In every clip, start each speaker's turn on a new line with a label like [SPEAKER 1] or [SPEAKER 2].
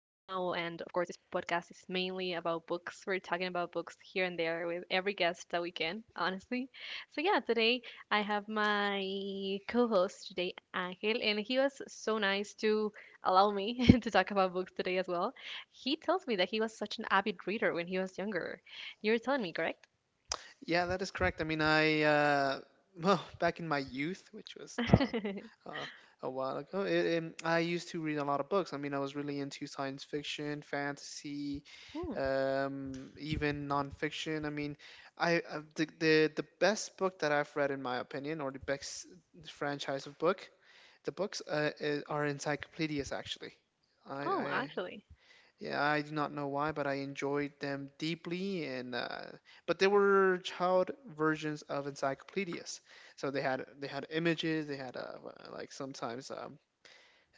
[SPEAKER 1] and of course, this podcast is mainly about books. We're talking about books here and there with every guest that we can, honestly. Today I have my co host today, Angel, and he was so nice to allow me to talk about books today as well. He tells me that he was such an avid reader when he was younger. You're telling me, correct?
[SPEAKER 2] Yeah, that is correct. I mean, I well, back in my youth, which was uh, a while ago, I used to read a lot of books. I mean, I was really into science fiction, fantasy,
[SPEAKER 1] Hmm.
[SPEAKER 2] um, even nonfiction. I mean, I the best book that I've read, in my opinion, or the best franchise of book, are encyclopedias. Actually,
[SPEAKER 1] Oh,
[SPEAKER 2] I
[SPEAKER 1] actually.
[SPEAKER 2] yeah, I do not know why, but I enjoyed them deeply. And but they were child versions of encyclopedias, so they had images, they had like sometimes um,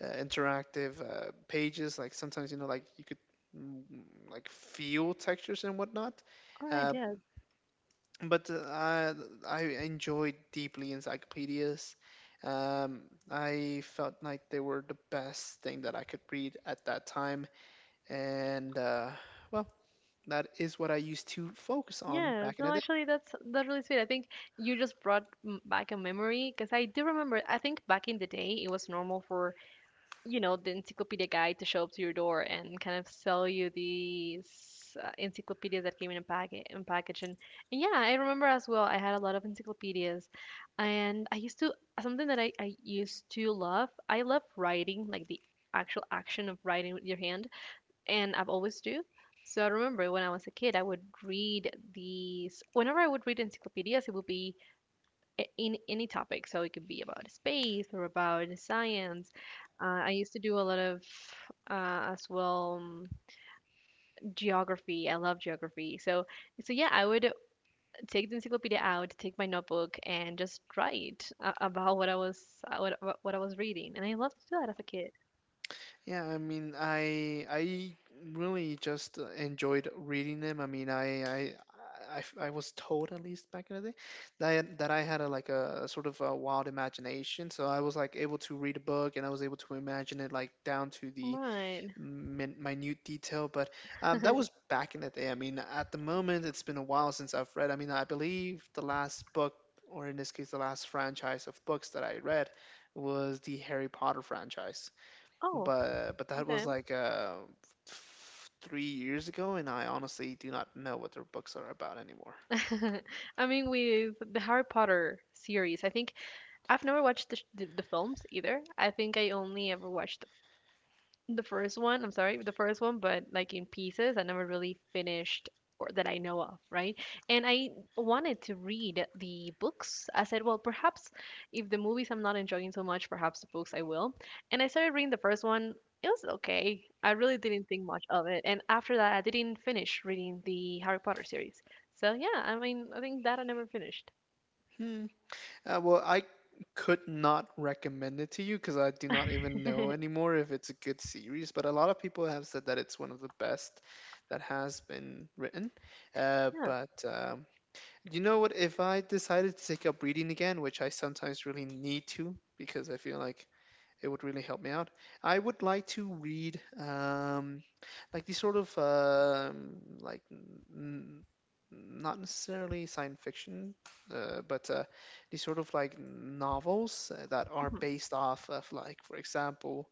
[SPEAKER 2] uh, interactive pages, like sometimes like you could mm, like feel textures and whatnot.
[SPEAKER 1] All right,
[SPEAKER 2] Uh,
[SPEAKER 1] yes.
[SPEAKER 2] but I enjoyed deeply encyclopedias. Um, I felt like they were the best thing that I could read at that time, and well that is what I used to focus on
[SPEAKER 1] Yeah,
[SPEAKER 2] back in
[SPEAKER 1] no,
[SPEAKER 2] the day.
[SPEAKER 1] Actually, that's really sweet. I think you just brought back a memory because I do remember. I think back in the day, it was normal for the encyclopedia guy to show up to your door and kind of sell you these encyclopedias that came in a packet in package. And yeah, I remember as well. I had a lot of encyclopedias, and I used to something that I used to love. I love writing, like the actual action of writing with your hand, and I've always do. So I remember when I was a kid, I would read these. Whenever I would read encyclopedias, it would be in any topic. So it could be about space or about science. I used to do a lot of as well geography. I love geography. So yeah, I would take the encyclopedia out, take my notebook, and just write about what I was reading. And I loved to do that as a kid.
[SPEAKER 2] Yeah, I mean, I really just enjoyed reading them. I mean, I was told at least back in the day that I had a, like a sort of a wild imagination. So I was like able to read a book, and I was able to imagine it like down to the
[SPEAKER 1] Right.
[SPEAKER 2] minute detail. But that was back in the day. I mean, at the moment, it's been a while since I've read. I mean, I believe the last book, or in this case, the last franchise of books that I read, was the Harry Potter franchise.
[SPEAKER 1] Oh,
[SPEAKER 2] But that
[SPEAKER 1] okay.
[SPEAKER 2] was like 3 years ago, and I honestly do not know what their books are about anymore.
[SPEAKER 1] I mean, with the Harry Potter series, I think I've never watched the, the films either. I think I only ever watched the first one, I'm sorry, the first one, but like in pieces. I never really finished, or that I know of, right? And I wanted to read the books. I said, well, perhaps if the movies I'm not enjoying so much, perhaps the books I will. And I started reading the first one. It was okay. I really didn't think much of it. And after that, I didn't finish reading the Harry Potter series. So yeah, I mean, I think that I never finished.
[SPEAKER 2] Well, I could not recommend it to you because I do not even know anymore if it's a good series, but a lot of people have said that it's one of the best that has been written.
[SPEAKER 1] Yeah.
[SPEAKER 2] But you know what? If I decided to take up reading again, which I sometimes really need to because I feel like it would really help me out, I would like to read. Like these sort of like not necessarily science fiction, but these sort of like novels that are
[SPEAKER 1] Mhm.
[SPEAKER 2] based off of, like, for example,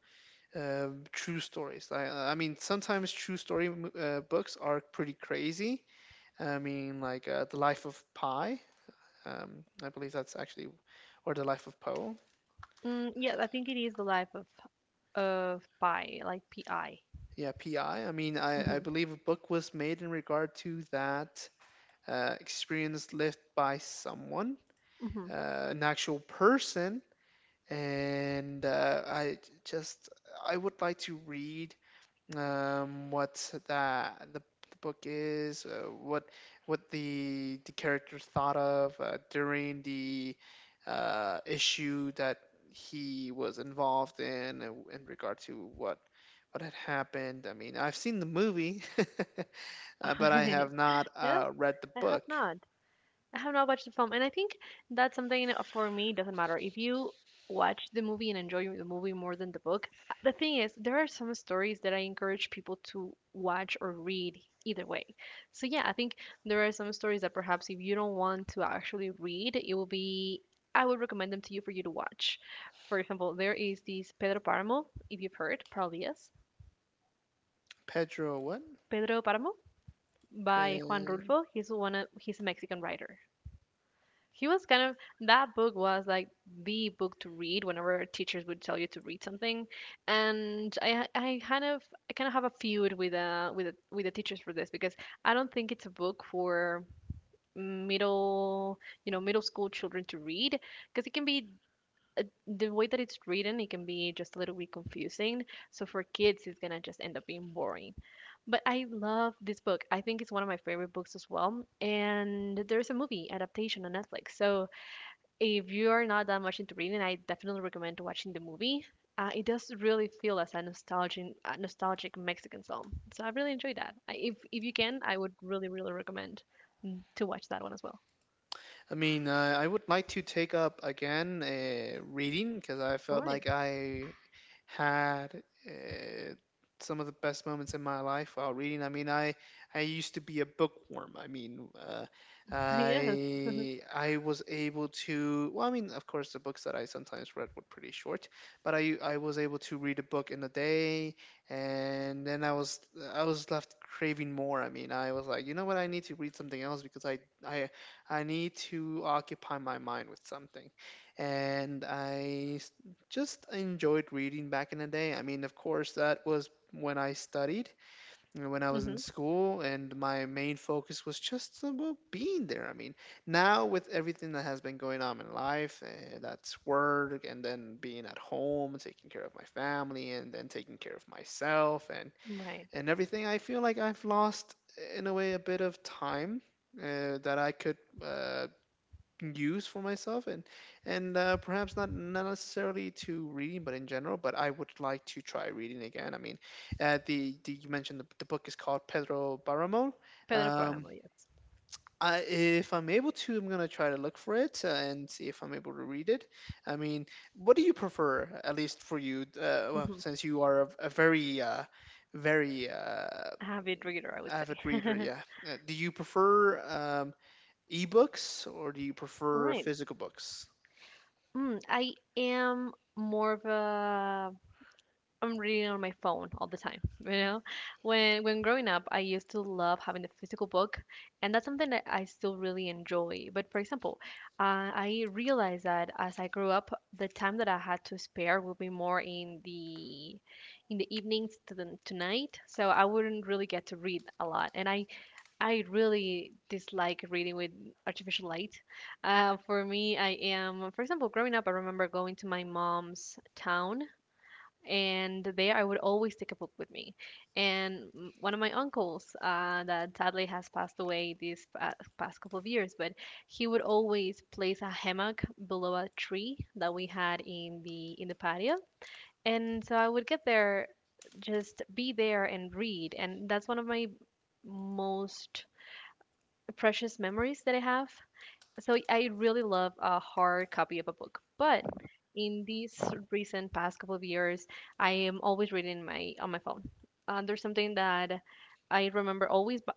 [SPEAKER 2] true stories. I mean, sometimes true story books are pretty crazy. I mean, like The Life of Pi. I believe that's actually, or The Life of Poe.
[SPEAKER 1] Mm, yeah, I think it is the life of Pi, like P I.
[SPEAKER 2] Yeah, PI. I mean, I
[SPEAKER 1] Mm-hmm.
[SPEAKER 2] believe a book was made in regard to that experience lived by someone,
[SPEAKER 1] Mm-hmm.
[SPEAKER 2] an actual person. And I just I would like to read what that the book is, what the character thought of during the issue that he was involved in regard to what had happened. I mean, I've seen the movie, but I have not
[SPEAKER 1] No,
[SPEAKER 2] read the
[SPEAKER 1] I have
[SPEAKER 2] book.
[SPEAKER 1] not. I have not watched the film, and I think that's something, for me, doesn't matter. If you watch the movie and enjoy the movie more than the book, the thing is, there are some stories that I encourage people to watch or read either way. So yeah, I think there are some stories that perhaps if you don't want to actually read, it will be I would recommend them to you for you to watch. For example, there is this Pedro Páramo, if you've heard, probably yes.
[SPEAKER 2] Pedro what?
[SPEAKER 1] Pedro Páramo by Juan
[SPEAKER 2] Pe-
[SPEAKER 1] Rulfo. He's one of he's a Mexican writer. He was kind of that book was like the book to read whenever teachers would tell you to read something, and I kind of I kind of have a feud with with the teachers for this because I don't think it's a book for middle middle school children to read, because it can be the way that it's written, it can be just a little bit confusing, so for kids it's gonna just end up being boring. But I love this book. I think it's one of my favorite books as well. And there's a movie adaptation on Netflix. So if you are not that much into reading, I definitely recommend watching the movie. It does really feel as a nostalgic, nostalgic Mexican film. So I really enjoyed that. I, if you can, I would really recommend to watch that one as well.
[SPEAKER 2] I mean, I would like to take up again reading because I
[SPEAKER 1] All
[SPEAKER 2] felt
[SPEAKER 1] right.
[SPEAKER 2] like I had some of the best moments in my life while reading. I mean, I used to be a bookworm. I mean,
[SPEAKER 1] Yes.
[SPEAKER 2] I was able to. Well, I mean, of course, the books that I sometimes read were pretty short, but I was able to read a book in a day, and then I was left craving more. I mean, I was like, you know what, I need to read something else because I I need to occupy my mind with something. And I s- just enjoyed reading back in the day. I mean, of course, that was when I studied, you know, when I was in
[SPEAKER 1] Hmm.
[SPEAKER 2] school, and my main focus was just about being there. I mean, now with everything that has been going on in life, that's work, and then being at home, taking care of my family, and then taking care of myself,
[SPEAKER 1] Right.
[SPEAKER 2] and everything, I feel like I've lost in a way a bit of time that I could use for myself and perhaps not necessarily to reading but in general. But I would like to try reading again. I mean, the you mentioned the book is called Pedro Barramon.
[SPEAKER 1] Pedro
[SPEAKER 2] um
[SPEAKER 1] Páramo. Yes.
[SPEAKER 2] I, if I'm able to, I'm going to try to look for it and see if I'm able to read it. I mean, what do you prefer, at least for you, well,
[SPEAKER 1] Hmm.
[SPEAKER 2] since you are a very very uh,
[SPEAKER 1] Avid reader, I would
[SPEAKER 2] avid reader,
[SPEAKER 1] say.
[SPEAKER 2] yeah, do you prefer ebooks or do you
[SPEAKER 1] All
[SPEAKER 2] prefer
[SPEAKER 1] right.
[SPEAKER 2] physical books?
[SPEAKER 1] Mm, I am more of a I'm reading on my phone all the time. You know, when growing up, I used to love having the physical book, and that's something that I still really enjoy. But for example, I realized that as I grew up, the time that I had to spare would be more in the evenings to the to night, so I wouldn't really get to read a lot. And I really dislike reading with artificial light. For me, I am, for example, growing up, I remember going to my mom's town, and there I would always take a book with me. And one of my uncles, that sadly has passed away these past couple of years, but he would always place a hammock below a tree that we had in the patio. And so I would get there, just be there and read. And that's one of my most precious memories that I have. So I really love a hard copy of a book. But in these recent past couple of years, I am always reading my on my phone. There's something that I remember always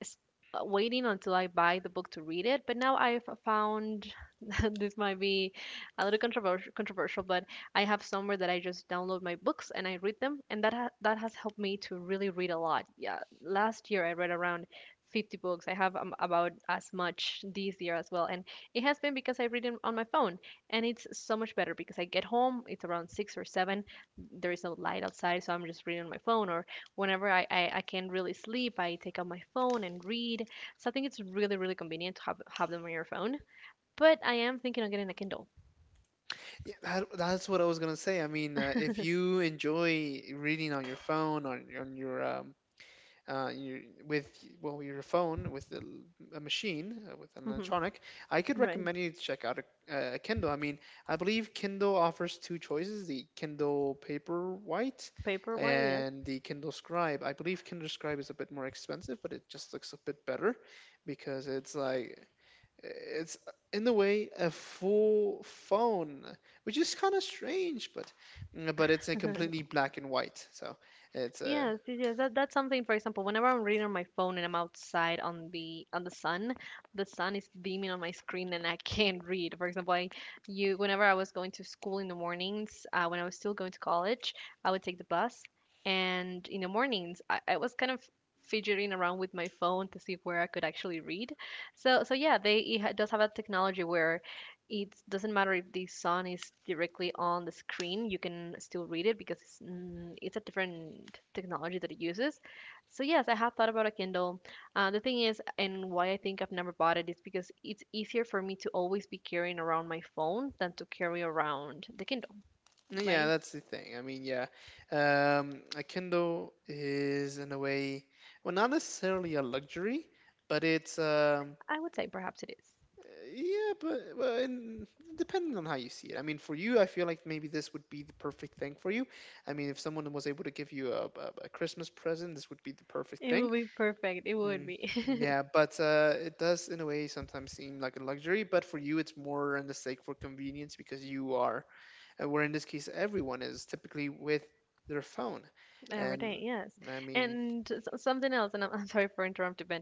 [SPEAKER 1] s- waiting until I buy the book to read it, but now I've found this might be a little controversial, but I have somewhere that I just download my books and I read them, and that has helped me to really read a lot. Yeah, last year I read around 50 books. I have about as much this year as well, and it has been because I read it on my phone, and it's so much better because I get home, it's around six or seven, there is no light outside, so I'm just reading on my phone, or whenever I can't really sleep, I take out my phone and read. So I think it's really, really convenient to have them on your phone. But I am thinking of getting a Kindle.
[SPEAKER 2] Yeah, that's what I was gonna say. I mean, if you enjoy reading on your phone, on your uh, your with your phone with a, a machine with an
[SPEAKER 1] Hmm.
[SPEAKER 2] electronic, I could
[SPEAKER 1] Right.
[SPEAKER 2] recommend you to check out a Kindle. I mean, I believe Kindle offers two choices: the Kindle Paperwhite
[SPEAKER 1] Paper, why, yes.
[SPEAKER 2] and the Kindle Scribe. I believe Kindle Scribe is a bit more expensive, but it just looks a bit better because it's like it's in a way a full phone, which is kind of strange, but it's a completely black and white. So it's a
[SPEAKER 1] Yes, yes, yes. That's something, for example, whenever I'm reading on my phone and I'm outside on the sun is beaming on my screen and I can't read. For example, I you whenever I was going to school in the mornings, when I was still going to college, I would take the bus, and in the mornings, I was kind of fidgeting around with my phone to see where I could actually read. So yeah, they does have a technology where it doesn't matter if the sun is directly on the screen, you can still read it because it's, it's a different technology that it uses. So yes, I have thought about a Kindle. Uh, the thing is, and why I think I've never bought it is because it's easier for me to always be carrying around my phone than to carry around the Kindle.
[SPEAKER 2] Yeah,
[SPEAKER 1] Right,
[SPEAKER 2] that's the thing. I mean, yeah, a Kindle is in a way, well, not necessarily a luxury, but it's
[SPEAKER 1] I would say perhaps it is.
[SPEAKER 2] yeah, but depending on how you see it. I mean, for you, I feel like maybe this would be the perfect thing for you. I mean, if someone was able to give you a Christmas present, this would be the perfect
[SPEAKER 1] It
[SPEAKER 2] thing.
[SPEAKER 1] would be perfect. It would
[SPEAKER 2] Mm,
[SPEAKER 1] be.
[SPEAKER 2] yeah, but it does in a way sometimes seem like a luxury, but for you it's more a mistake for convenience because you are, where in this case everyone is typically with their phone,
[SPEAKER 1] Every day,
[SPEAKER 2] and
[SPEAKER 1] yes.
[SPEAKER 2] I mean,
[SPEAKER 1] And something else, and I'm sorry for interrupting, but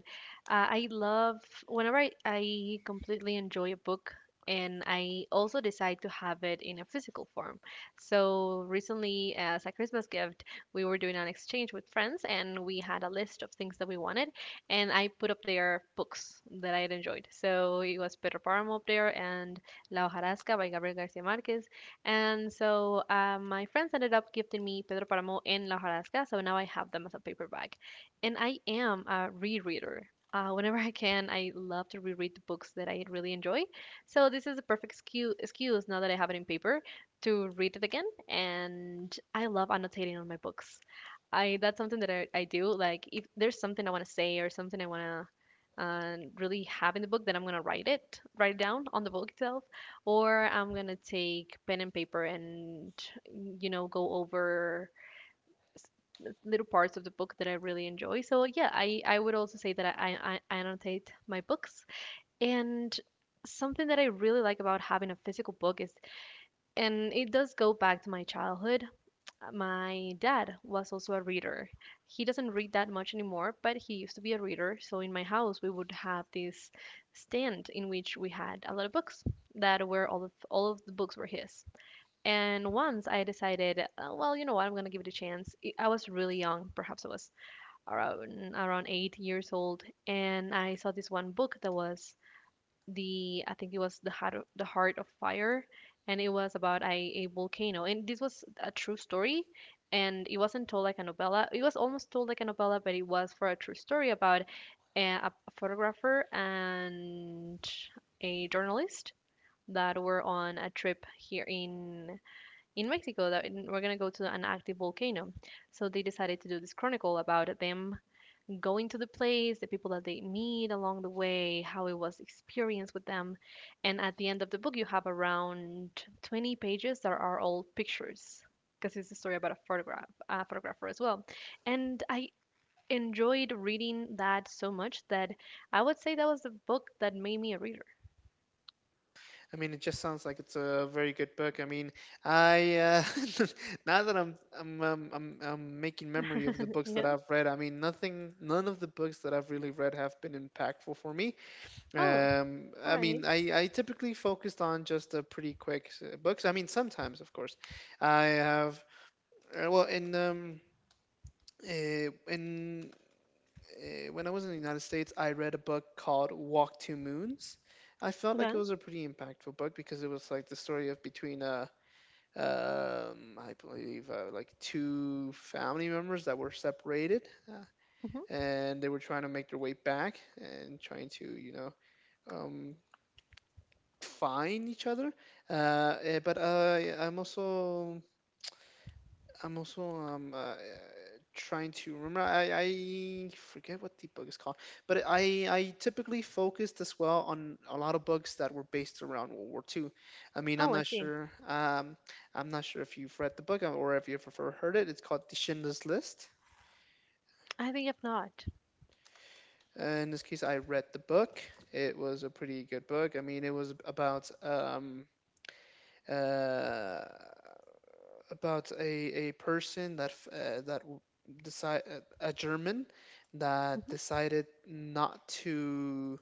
[SPEAKER 1] I love whenever I completely enjoy a book and I also decide to have it in a physical form. So recently, as a Christmas gift, we were doing an exchange with friends and we had a list of things that we wanted, and I put up there books that I had enjoyed. So it was Pedro Páramo up there and La Hojarasca by Gabriel García Márquez, and so my friends ended up gifting me Pedro Paramo and La Jarasca, so now I have them as a paperback. And I am a rereader. Whenever I can, I love to reread the books that I really enjoy. So this is a perfect excuse now that I have it in paper to read it again. And I love annotating on my books. I That's something that I do. Like if there's something I want to say or something I want to really have in the book, then I'm gonna write it down on the book itself, or I'm gonna take pen and paper and go over little parts of the book that I really enjoy. So yeah, I would also say that I annotate my books. And something that I really like about having a physical book is and it does go back to my childhood. Uh, my dad was also a reader. He doesn't read that much anymore, but he used to be a reader. So in my house, we would have this stand in which we had a lot of books that were all of the books were his. And once I decided, well, you know what, I'm gonna give it a chance. I was really young, perhaps I was around 8 years old, and I saw this one book that was the I think it was the heart of fire, and it was about a volcano, and this was a true story, and it wasn't told like a novella. It was almost told like a novella, but it was for a true story about a photographer and a journalist that were on a trip here in Mexico that we're going to go to an active volcano. So they decided to do this chronicle about them going to the place, the people that they meet along the way, how it was experienced with them. And at the end of the book, you have around 20 pages that are all pictures because it's a story about a photographer as well. And I enjoyed reading that so much that I would say that was the book that made me a reader.
[SPEAKER 2] I mean it just sounds like it's a very good book. I mean, I now that I'm making memory of the books that
[SPEAKER 1] Yeah.
[SPEAKER 2] I've read. I mean, nothing, none of the books that I've really read have been impactful for me.
[SPEAKER 1] Oh, all
[SPEAKER 2] I
[SPEAKER 1] right.
[SPEAKER 2] mean, I typically focused on just the pretty quick books. I mean, sometimes, of course, I have. Well, uh, in When I was in the United States, I read a book called Walk to Moons. I felt
[SPEAKER 1] Okay.
[SPEAKER 2] like it was a pretty impactful book because it was like the story of between I believe like two family members that were separated, uh,
[SPEAKER 1] Hmm.
[SPEAKER 2] and they were trying to make their way back and trying to, you know, um, fine each other. Eh, but I I'm also trying to remember. I forget what the book is called, but I typically focused as well on a lot of books that were based around World War Two. I mean, I'm
[SPEAKER 1] Oh, I
[SPEAKER 2] not
[SPEAKER 1] see.
[SPEAKER 2] sure. I'm not sure if you've read the book or if you've ever heard it. It's called The Schindler's List.
[SPEAKER 1] I think if not.
[SPEAKER 2] In this case, I read the book. It was a pretty good book. I mean, it was uh, about a person that f- that decide a German that
[SPEAKER 1] Hmm.
[SPEAKER 2] decided not to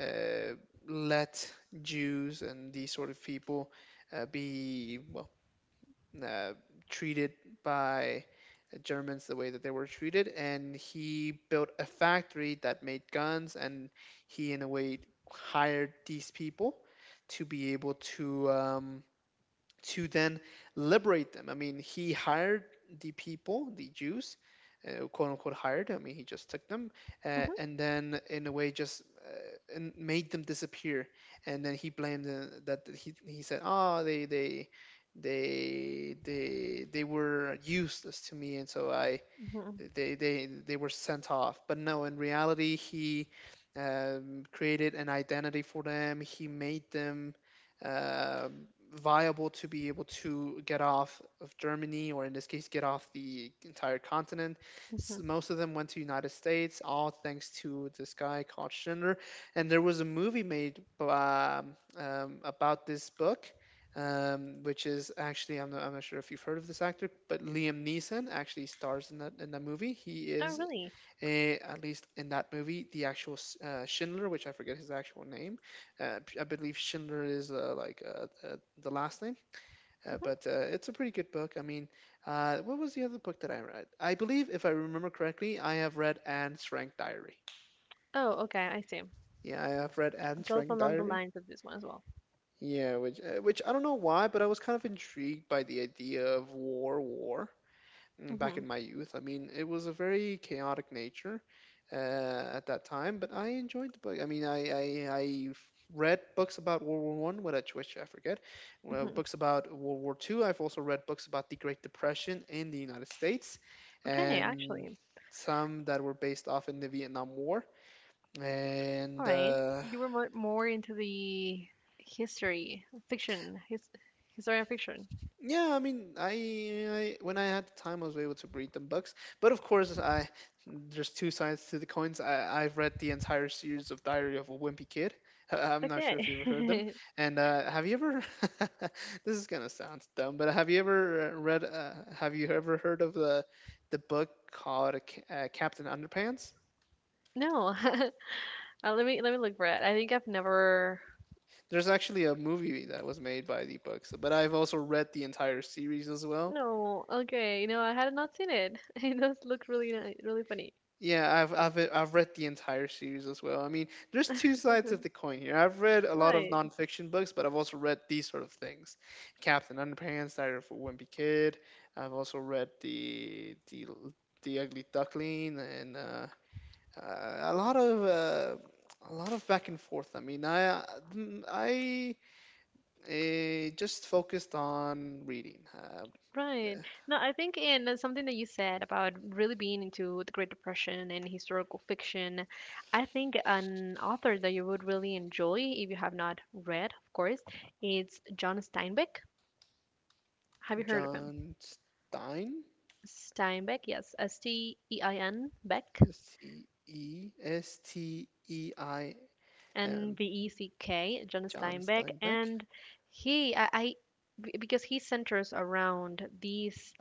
[SPEAKER 2] uh, let Jews and these sort of people be, well, uh, treated by the Germans the way that they were treated, and he built a factory that made guns, and he in a way hired these people to be able to. To then liberate them. I mean, he hired the people, the Jews, quote unquote hired. I mean, he just took them
[SPEAKER 1] Hmm.
[SPEAKER 2] and then, in a way, just and made them disappear. And then he blamed the, that he said, oh, they were useless to me, and so I
[SPEAKER 1] Mhm,
[SPEAKER 2] they were sent off. But no, in reality, he created an identity for them. He made them um viable to be able to get off of Germany, or in this case, get off the entire continent.
[SPEAKER 1] mhm.
[SPEAKER 2] Most of them went to United States, all thanks to this guy called Schindler. And there was a movie made about this book, which is actually, I'm not sure if you've heard of this actor, but Liam Neeson actually stars in that movie. He
[SPEAKER 1] Oh,
[SPEAKER 2] is
[SPEAKER 1] really?
[SPEAKER 2] a, at least in that movie, the actual Schindler, which I forget his actual name. I believe Schindler is the last name,
[SPEAKER 1] Hmm.
[SPEAKER 2] but it's a pretty good book. I mean, what was the other book that I read? I believe, if I remember correctly, I have read Anne Frank Diary.
[SPEAKER 1] Oh, okay, I see.
[SPEAKER 2] Yeah, I have read Anne
[SPEAKER 1] Goes
[SPEAKER 2] Frank
[SPEAKER 1] along the
[SPEAKER 2] Diary.
[SPEAKER 1] lines of this one as well.
[SPEAKER 2] Yeah, which I don't know why, but I was kind of intrigued by the idea of war back
[SPEAKER 1] Hmm.
[SPEAKER 2] in my youth. I mean, it was a very chaotic nature uh, at that time, but I enjoyed the book. I mean, I read books about World War I, what at which I forget, well,
[SPEAKER 1] Hmm.
[SPEAKER 2] books about World War II. I've also read books about the Great Depression in the United States,
[SPEAKER 1] Okay,
[SPEAKER 2] and
[SPEAKER 1] actually,
[SPEAKER 2] some that were based off in the Vietnam War.
[SPEAKER 1] all
[SPEAKER 2] And
[SPEAKER 1] right. You were more into the history, fiction, historian fiction.
[SPEAKER 2] yeah, I mean, I when I had the time, I was able to read them books. But of course, I there's two sides to the coins. I've read the entire series of Diary of a Wimpy Kid. I'm not sure if
[SPEAKER 1] Okay.
[SPEAKER 2] you've ever heard them. And have you ever? This is gonna sound dumb, but have you ever read? Have you ever heard of the book called Captain Underpants?
[SPEAKER 1] No, let me look for it. I think I've never.
[SPEAKER 2] There's actually a movie that was made by the books, but I've also read the entire series as well.
[SPEAKER 1] No, okay, I had not seen it. It does look really nice, really funny.
[SPEAKER 2] Yeah, I've read the entire series as well. I mean, there's two sides of the coin here. I've read a lot of
[SPEAKER 1] Right.
[SPEAKER 2] nonfiction books, but I've also read these sort of things. Captain Underpants, Diary of a Wimpy Kid. I've also read the Ugly Duckling and uh, a lot of uh, a lot of back and forth. I mean, I just focused on reading.
[SPEAKER 1] Right. No, I think in something that you said about really being into the Great Depression and historical fiction, I think an author that you would really enjoy if you have not read, of course, it's John Steinbeck. Have you heard of him?
[SPEAKER 2] John Stein.
[SPEAKER 1] Steinbeck, yes, Stein Beck,
[SPEAKER 2] S T E S T E I.
[SPEAKER 1] N
[SPEAKER 2] Um,
[SPEAKER 1] B E C K, John
[SPEAKER 2] John
[SPEAKER 1] Steinbeck,
[SPEAKER 2] Steinbeck.
[SPEAKER 1] and he, because he centers around these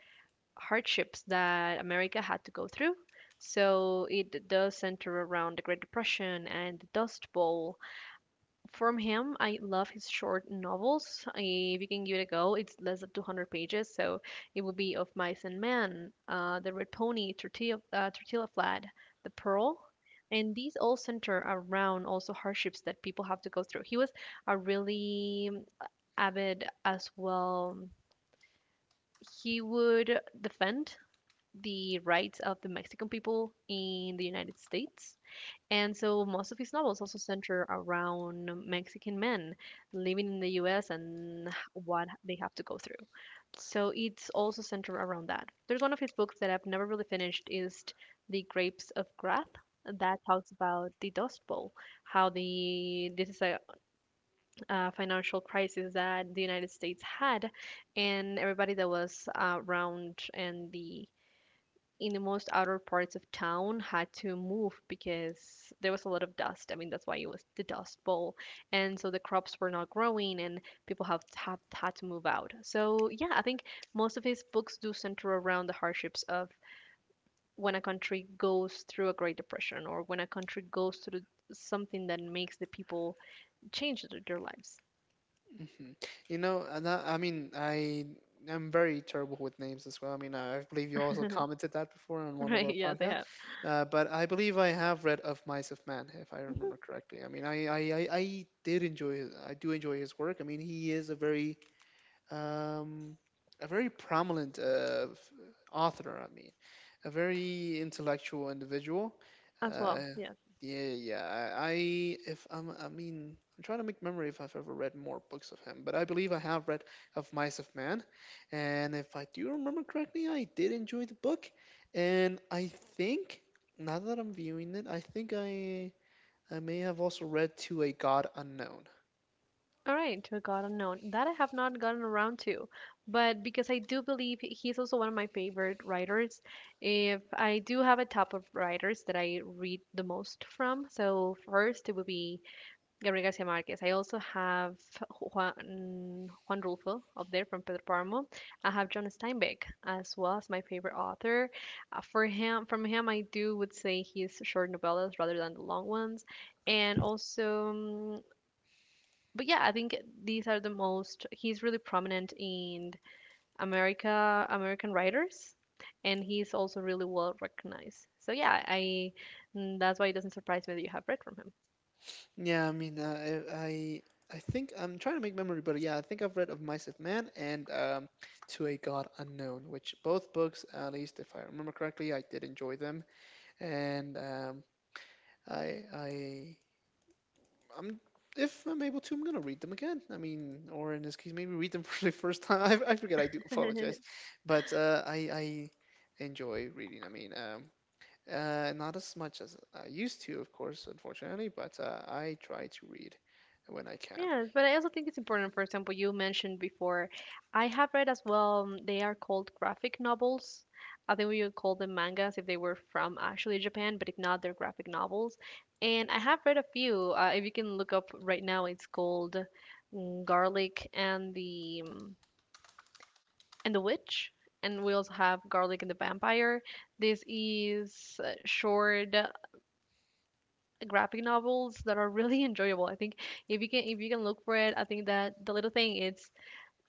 [SPEAKER 1] hardships that America had to go through. So it does center around the Great Depression and the Dust Bowl. From him, I love his short novels. If you can give it a go, it's less than 200 pages, so it would be Of Mice and Men, The Red Pony, Tortilla Flat, The Pearl. And these all center around also hardships that people have to go through. He was a really uh, avid as well. He would defend the rights of the Mexican people in the United States. And so most of his novels also center around Mexican men living in the US and what they have to go through. So it's also centered around that. There's one of his books that I've never really finished is The Grapes of Wrath that talks about the Dust Bowl, how the this is a financial crisis that the United States had, and everybody that was around and the in the most outer parts of town had to move because there was a lot of dust. I mean, that's why it was the Dust Bowl. And so the crops were not growing and people have had to move out. So, yeah, I think most of his books do center around the hardships of when a country goes through a Great Depression or when a country goes through something that makes the people change their lives.
[SPEAKER 2] hmm You know, and I mean, I am very terrible with names as well. I mean, I believe you also commented that before on one of
[SPEAKER 1] Right,
[SPEAKER 2] our
[SPEAKER 1] yes, I
[SPEAKER 2] podcasts.
[SPEAKER 1] have.
[SPEAKER 2] But I believe I have read Of Mice of Man, if I remember
[SPEAKER 1] Hmm.
[SPEAKER 2] correctly. I mean, I did enjoy his, I do enjoy his work. I mean, he is um, a very prominent author. I mean, a very intellectual individual.
[SPEAKER 1] As well,
[SPEAKER 2] Uh,
[SPEAKER 1] yeah.
[SPEAKER 2] yeah, yeah. I if I'm, I mean, I'm trying to make memory if I've ever read more books of him, but I believe I have read of Mice of Man, and if I do remember correctly, I did enjoy the book, and I think now that I'm viewing it, I think I may have also read To a God Unknown.
[SPEAKER 1] All right, to a God Unknown. That I have not gotten around to, but because I do believe he's also one of my favorite writers. If I do have a top of writers that I read the most from, so first it would be Gabriel Garcia Marquez. I also have Juan Rulfo up there from Pedro Paramo. I have John Steinbeck as well as my favorite author. From him, I do would say his short novellas rather than the long ones, and also but yeah, I think these are the most. He's really prominent in American writers, and he's also really well recognized. So yeah, that's why it doesn't surprise me that you have read from
[SPEAKER 2] Yeah, I mean, I think I'm trying to make memory, but yeah, I think I've read of Mice of Man and To a God Unknown, which both books, at least if I remember correctly, I did enjoy them, and I I I'm if I'm able to, I'm gonna read them again. I mean, or in this case, maybe read them for the first time. I forget. I do
[SPEAKER 1] him.
[SPEAKER 2] apologize, but I enjoy reading. I mean, not as much as I used to, of course, unfortunately, but I try to read when I
[SPEAKER 1] Yes, but I also think it's important, for example, you mentioned before, I have read as well, they are called graphic novels. I think we would call them mangas if they were from actually Japan, but if not, they're graphic novels. And I have read a few. If you can look up right now, it's called Garlic and the Witch. And we also have Garlic and the Vampire. This is short graphic novels that are really enjoyable. I think if you can look for it, I think that the little thing it's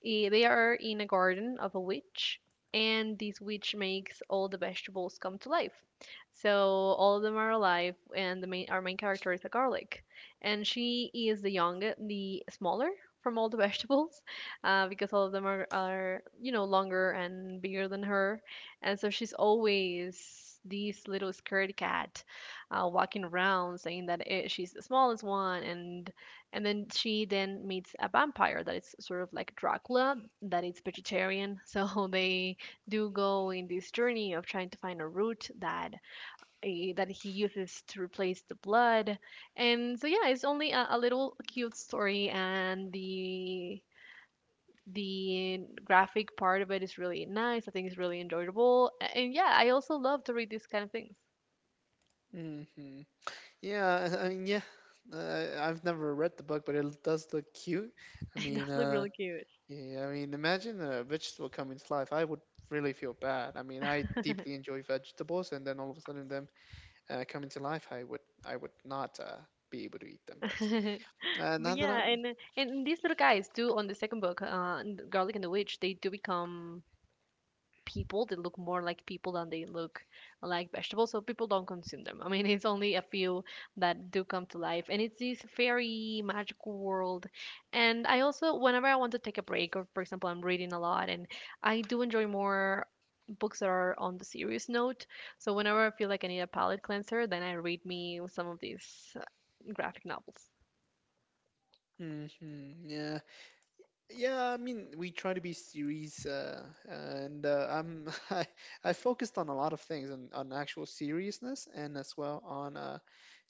[SPEAKER 1] They are in a garden of a witch, and this witch makes all the vegetables come to life. So all of them are alive, and the main our main character is a garlic, and she is the smaller from all the vegetables, because all of them are longer and bigger than her, and so she's always this little scaredy cat, walking around saying that she's the smallest one and then she then meets a vampire that is sort of like Dracula, that is vegetarian. So they do go in this journey of trying to find a root that he uses to replace the blood. And so yeah, it's only a little cute story, and the graphic part of it is really nice. I think it's really enjoyable. And yeah, I also love to read these kind of things.
[SPEAKER 2] can. Hmm, yeah, I mean, yeah. I've never read the book, but it does look cute. I
[SPEAKER 1] It
[SPEAKER 2] mean,
[SPEAKER 1] does look really cute.
[SPEAKER 2] yeah, I mean, imagine a vegetable coming to life. I would really feel bad. I mean, I deeply enjoy vegetables, and then all of a sudden them coming to life, I would not be able to eat them. But
[SPEAKER 1] But
[SPEAKER 2] now that
[SPEAKER 1] yeah,
[SPEAKER 2] I'm,
[SPEAKER 1] and these little guys do on the second book, in the Garlic and the Witch, they do become people. They look more like people than they look like vegetables, so people don't consume them. I mean, it's only a few that do come to life, and it's this very magical world. And I also, whenever I want to take a break, or for example, I'm reading a lot, and I do enjoy more books that are on the serious note. So whenever I feel like I need a palate cleanser, then I read me some of these graphic novels.
[SPEAKER 2] hmm, yeah, yeah. I mean, we try to be series, and I'm I focused on a lot of things and on actual seriousness, and as well on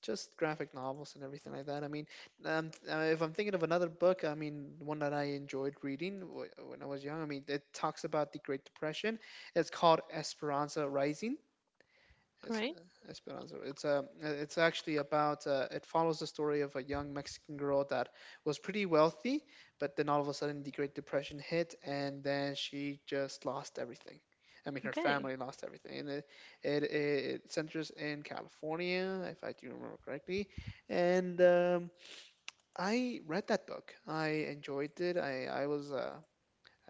[SPEAKER 2] just graphic novels and everything like that. I mean, if I'm thinking of another book, I mean, one that I enjoyed reading when I was young, I mean, it talks about the Great Depression. It's called Esperanza Rising. Es-
[SPEAKER 1] Right?
[SPEAKER 2] Esperanza. It's a. It's actually about. It follows the story of a young Mexican girl that was pretty wealthy, but then all of a sudden the Great Depression hit, and then she just lost everything. I mean, her
[SPEAKER 1] Okay.
[SPEAKER 2] family lost everything, and it centers in California, if I do remember correctly. And I read that book. I enjoyed it. I was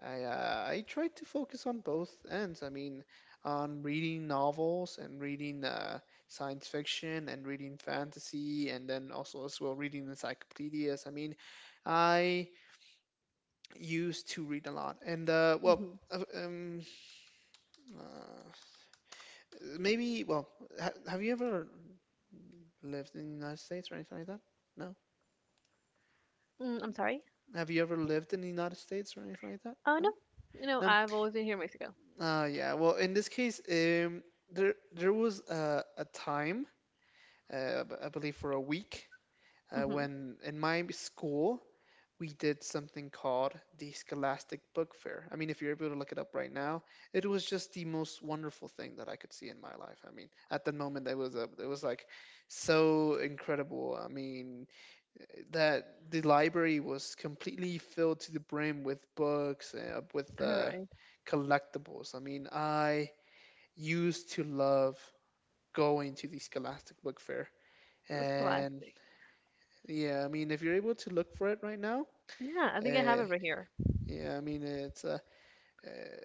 [SPEAKER 2] I try to focus on both ends. I mean, on reading novels and reading science fiction and reading fantasy, and then also as well reading encyclopedias. I mean, I used to read a lot, and well, uh, um, uh, maybe well, ha have you ever lived in the United States or anything like that? No.
[SPEAKER 1] I'm sorry?
[SPEAKER 2] Have you ever lived in the United States or anything like that?
[SPEAKER 1] Oh, no.
[SPEAKER 2] No. No.
[SPEAKER 1] I've always been here in Mexico.
[SPEAKER 2] Yeah. Well, in this case, there was a time I believe for a week.
[SPEAKER 1] Mm-hmm.
[SPEAKER 2] When in my school, we did something called the Scholastic Book Fair. I mean, if you're able to look it up right now, it was just the most wonderful thing that I could see in my life. I mean, at the moment, it was like so incredible. I mean, that the library was completely filled to the brim with books, with
[SPEAKER 1] All right.
[SPEAKER 2] collectibles. I mean, I used to love going to the Scholastic Book Fair.
[SPEAKER 1] That's
[SPEAKER 2] And
[SPEAKER 1] classic.
[SPEAKER 2] yeah, I mean, if you're able to look for it right now,
[SPEAKER 1] Yeah, I think I have
[SPEAKER 2] uh,
[SPEAKER 1] it right here.
[SPEAKER 2] yeah, I mean, it's a, eh,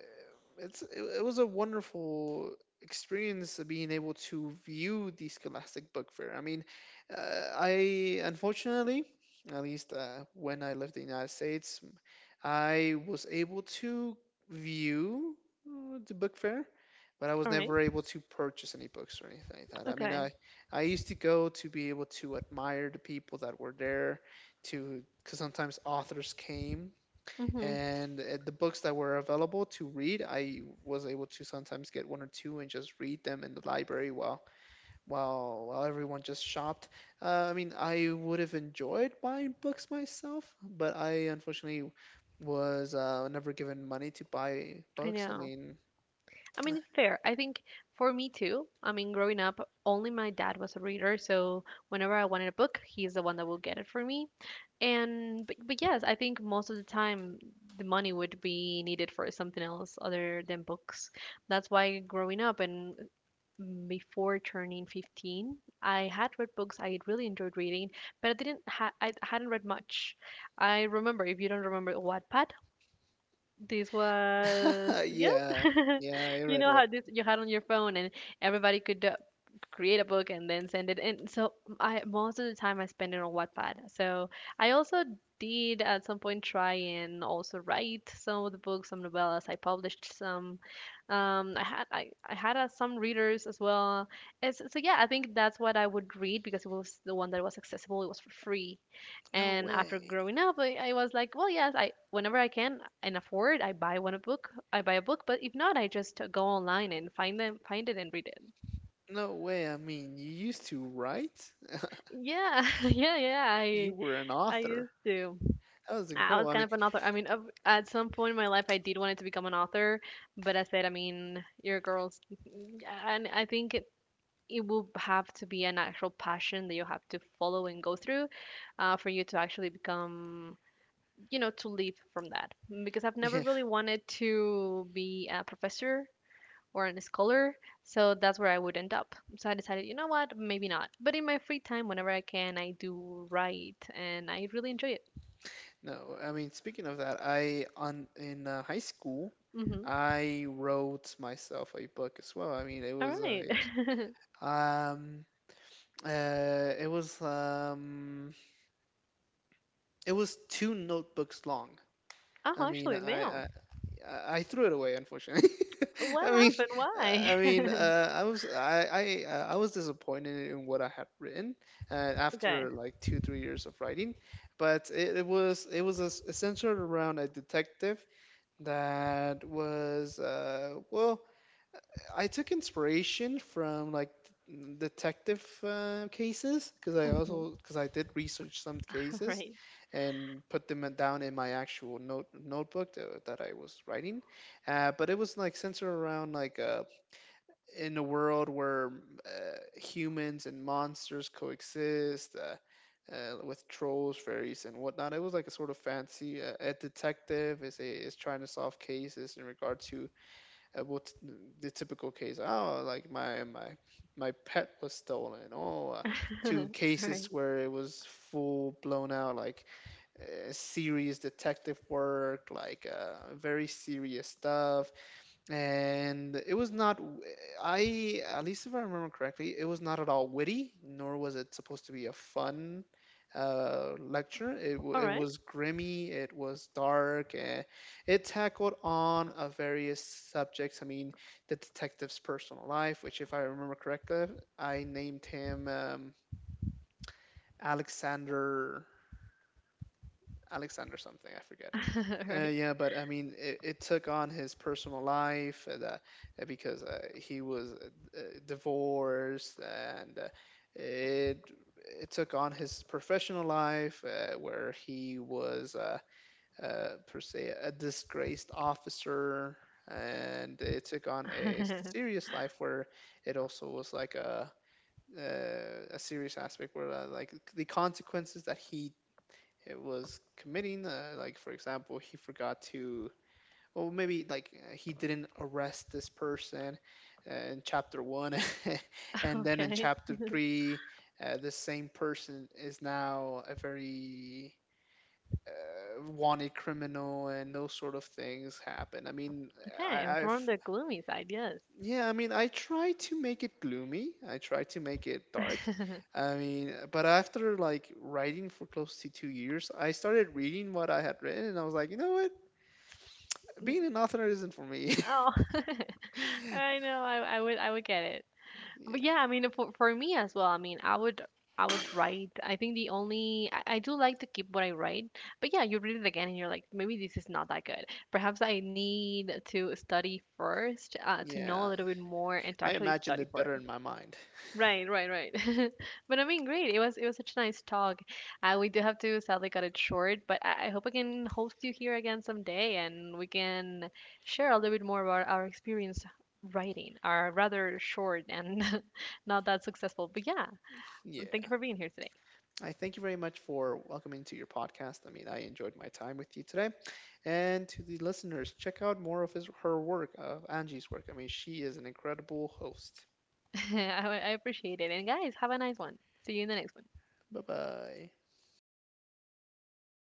[SPEAKER 2] it's it, it was a wonderful experience of being able to view the Scholastic Book Fair. I mean, I unfortunately, at least when I lived in the United States, I was able to view the book fair, but I was
[SPEAKER 1] All right.
[SPEAKER 2] never able to purchase any books or anything like that. I mean,
[SPEAKER 1] Okay.
[SPEAKER 2] I used to go to be able to admire the people that were there, to because sometimes authors came
[SPEAKER 1] Mm-hmm.
[SPEAKER 2] and the books that were available to read, I was able to sometimes get one or two and just read them in the library while everyone just shopped. I mean, I would have enjoyed buying books myself, but I unfortunately was never given money to buy
[SPEAKER 1] I
[SPEAKER 2] books. I
[SPEAKER 1] know.
[SPEAKER 2] mean,
[SPEAKER 1] I mean, it's fair. I think for me too, I mean, growing up, only my dad was a reader, so whenever I wanted a book, he's the one that will get it for me. And but yes, I think most of the time the money would be needed for something else other than books. That's why growing up and before turning 15. I had read books I really enjoyed reading, but I didn't ha- I hadn't read much. I remember, if you don't remember Wattpad, this was yes,
[SPEAKER 2] yeah, yeah, I
[SPEAKER 1] you
[SPEAKER 2] read
[SPEAKER 1] know
[SPEAKER 2] what.
[SPEAKER 1] how this you had on your phone, and everybody could create a book and then send it. And so I most of the time I spend it on Wattpad. So I also did at some point try and also write some of the books, some novellas. I published some. I had some readers as well. It's, so yeah, I think that's what I would read because it was the one that was accessible. It was for free.
[SPEAKER 2] No
[SPEAKER 1] And after
[SPEAKER 2] way.
[SPEAKER 1] growing up, I was like, well, yes, I whenever I can and afford, I buy I buy a book, but if not, I just go online and find it and read it.
[SPEAKER 2] No way. I mean, you used to write?
[SPEAKER 1] Yeah, yeah, yeah.
[SPEAKER 2] You
[SPEAKER 1] I
[SPEAKER 2] were an
[SPEAKER 1] I
[SPEAKER 2] author.
[SPEAKER 1] used to.
[SPEAKER 2] That was
[SPEAKER 1] I was
[SPEAKER 2] incredible. I
[SPEAKER 1] kind
[SPEAKER 2] mean,
[SPEAKER 1] of an author. I mean, at some point in my life, I did wanted to become an author, but I said, I mean, your girls, and I think it will have to be an actual passion that you have to follow and go through, for you to actually become to leave from that, because I've never
[SPEAKER 2] yeah.
[SPEAKER 1] really wanted to be a professor or a scholar, so that's where I would end up. So I decided, you know what, maybe not, but in my free time, whenever I can, I do write and I really enjoy it.
[SPEAKER 2] No, I mean, speaking of that, I on in high school,
[SPEAKER 1] Hmm.
[SPEAKER 2] I wrote myself a book as well. I mean, it
[SPEAKER 1] All
[SPEAKER 2] was
[SPEAKER 1] right.
[SPEAKER 2] yeah. Um, it was two notebooks long. I
[SPEAKER 1] Oh,
[SPEAKER 2] mean,
[SPEAKER 1] actually,
[SPEAKER 2] I
[SPEAKER 1] damn.
[SPEAKER 2] I, I I threw it away, unfortunately.
[SPEAKER 1] What
[SPEAKER 2] I mean,
[SPEAKER 1] happened?
[SPEAKER 2] I mean,
[SPEAKER 1] Why?
[SPEAKER 2] I was disappointed in what I had written
[SPEAKER 1] Okay.
[SPEAKER 2] after like 2 or 3 years of writing, but centered around a detective that was well, I took inspiration from like detective cases, because I
[SPEAKER 1] Hmm.
[SPEAKER 2] also because I did research some
[SPEAKER 1] All
[SPEAKER 2] cases
[SPEAKER 1] right.
[SPEAKER 2] and put them down in my actual notebook that I was writing. But it was like centered around, like in a world where humans and monsters coexist. With trolls, fairies, and whatnot, it was like a sort of fancy. A detective is trying to solve cases in regard to what the typical case, oh, like my pet was stolen, or to cases where it was full blown out, like serious detective work, like very serious stuff. And it was not, I at least if I remember correctly, it was not at all witty nor was it supposed to be a fun lecture. It
[SPEAKER 1] All
[SPEAKER 2] it
[SPEAKER 1] right.
[SPEAKER 2] was grimy, it was dark, and it tackled on a various subjects. I mean, the detective's personal life, which if I remember correctly, I named him alexander alexander something I forget.
[SPEAKER 1] All right. All right.
[SPEAKER 2] Yeah, but I mean, it took on his personal life that, because he was divorced, and it it took on his professional life where he was per se a disgraced officer, and it took on a serious life where it also was like a serious aspect where like the consequences that he it was committing like for example he forgot to, well, maybe like he didn't arrest this person in chapter one and then in
[SPEAKER 1] Okay.
[SPEAKER 2] chapter three this same person is now a very wanted criminal, and those sort of things happen. I mean,
[SPEAKER 1] Okay. I was
[SPEAKER 2] I,
[SPEAKER 1] more on
[SPEAKER 2] I've
[SPEAKER 1] the gloomy side. Yes.
[SPEAKER 2] yeah, I mean, I try to make it gloomy, I try to make it dark. I mean, but after like writing for close to 2 years, I started reading what I had written, and I was like, you know what, being an author isn't for me.
[SPEAKER 1] Oh. I know. I would get it. But
[SPEAKER 2] Yeah,
[SPEAKER 1] yeah, I mean, for me as well. I mean, I would write. I think I do like to keep what I write. But yeah, you read it again and you're like, maybe this is not that good. Perhaps I need to study first, to know a
[SPEAKER 2] yeah.
[SPEAKER 1] little bit more and to
[SPEAKER 2] I
[SPEAKER 1] actually
[SPEAKER 2] imagined
[SPEAKER 1] study
[SPEAKER 2] it
[SPEAKER 1] for it.
[SPEAKER 2] better in my mind.
[SPEAKER 1] Right, right, right. But I mean, great. it was such a nice talk. We do have to sadly cut it short, but I hope I can host you here again someday and we can share a little bit more about our experience writing, our rather short and not that successful. But yeah, thank you
[SPEAKER 2] Yeah.
[SPEAKER 1] for being here today.
[SPEAKER 2] I thank you very much for welcoming to your podcast. I mean, I enjoyed my time with you today. And to the listeners, check out more of his, her work, of Angie's work. I mean, she is an incredible host.
[SPEAKER 1] I appreciate it. And guys, have a nice one. See you in the next one.
[SPEAKER 2] Bye bye.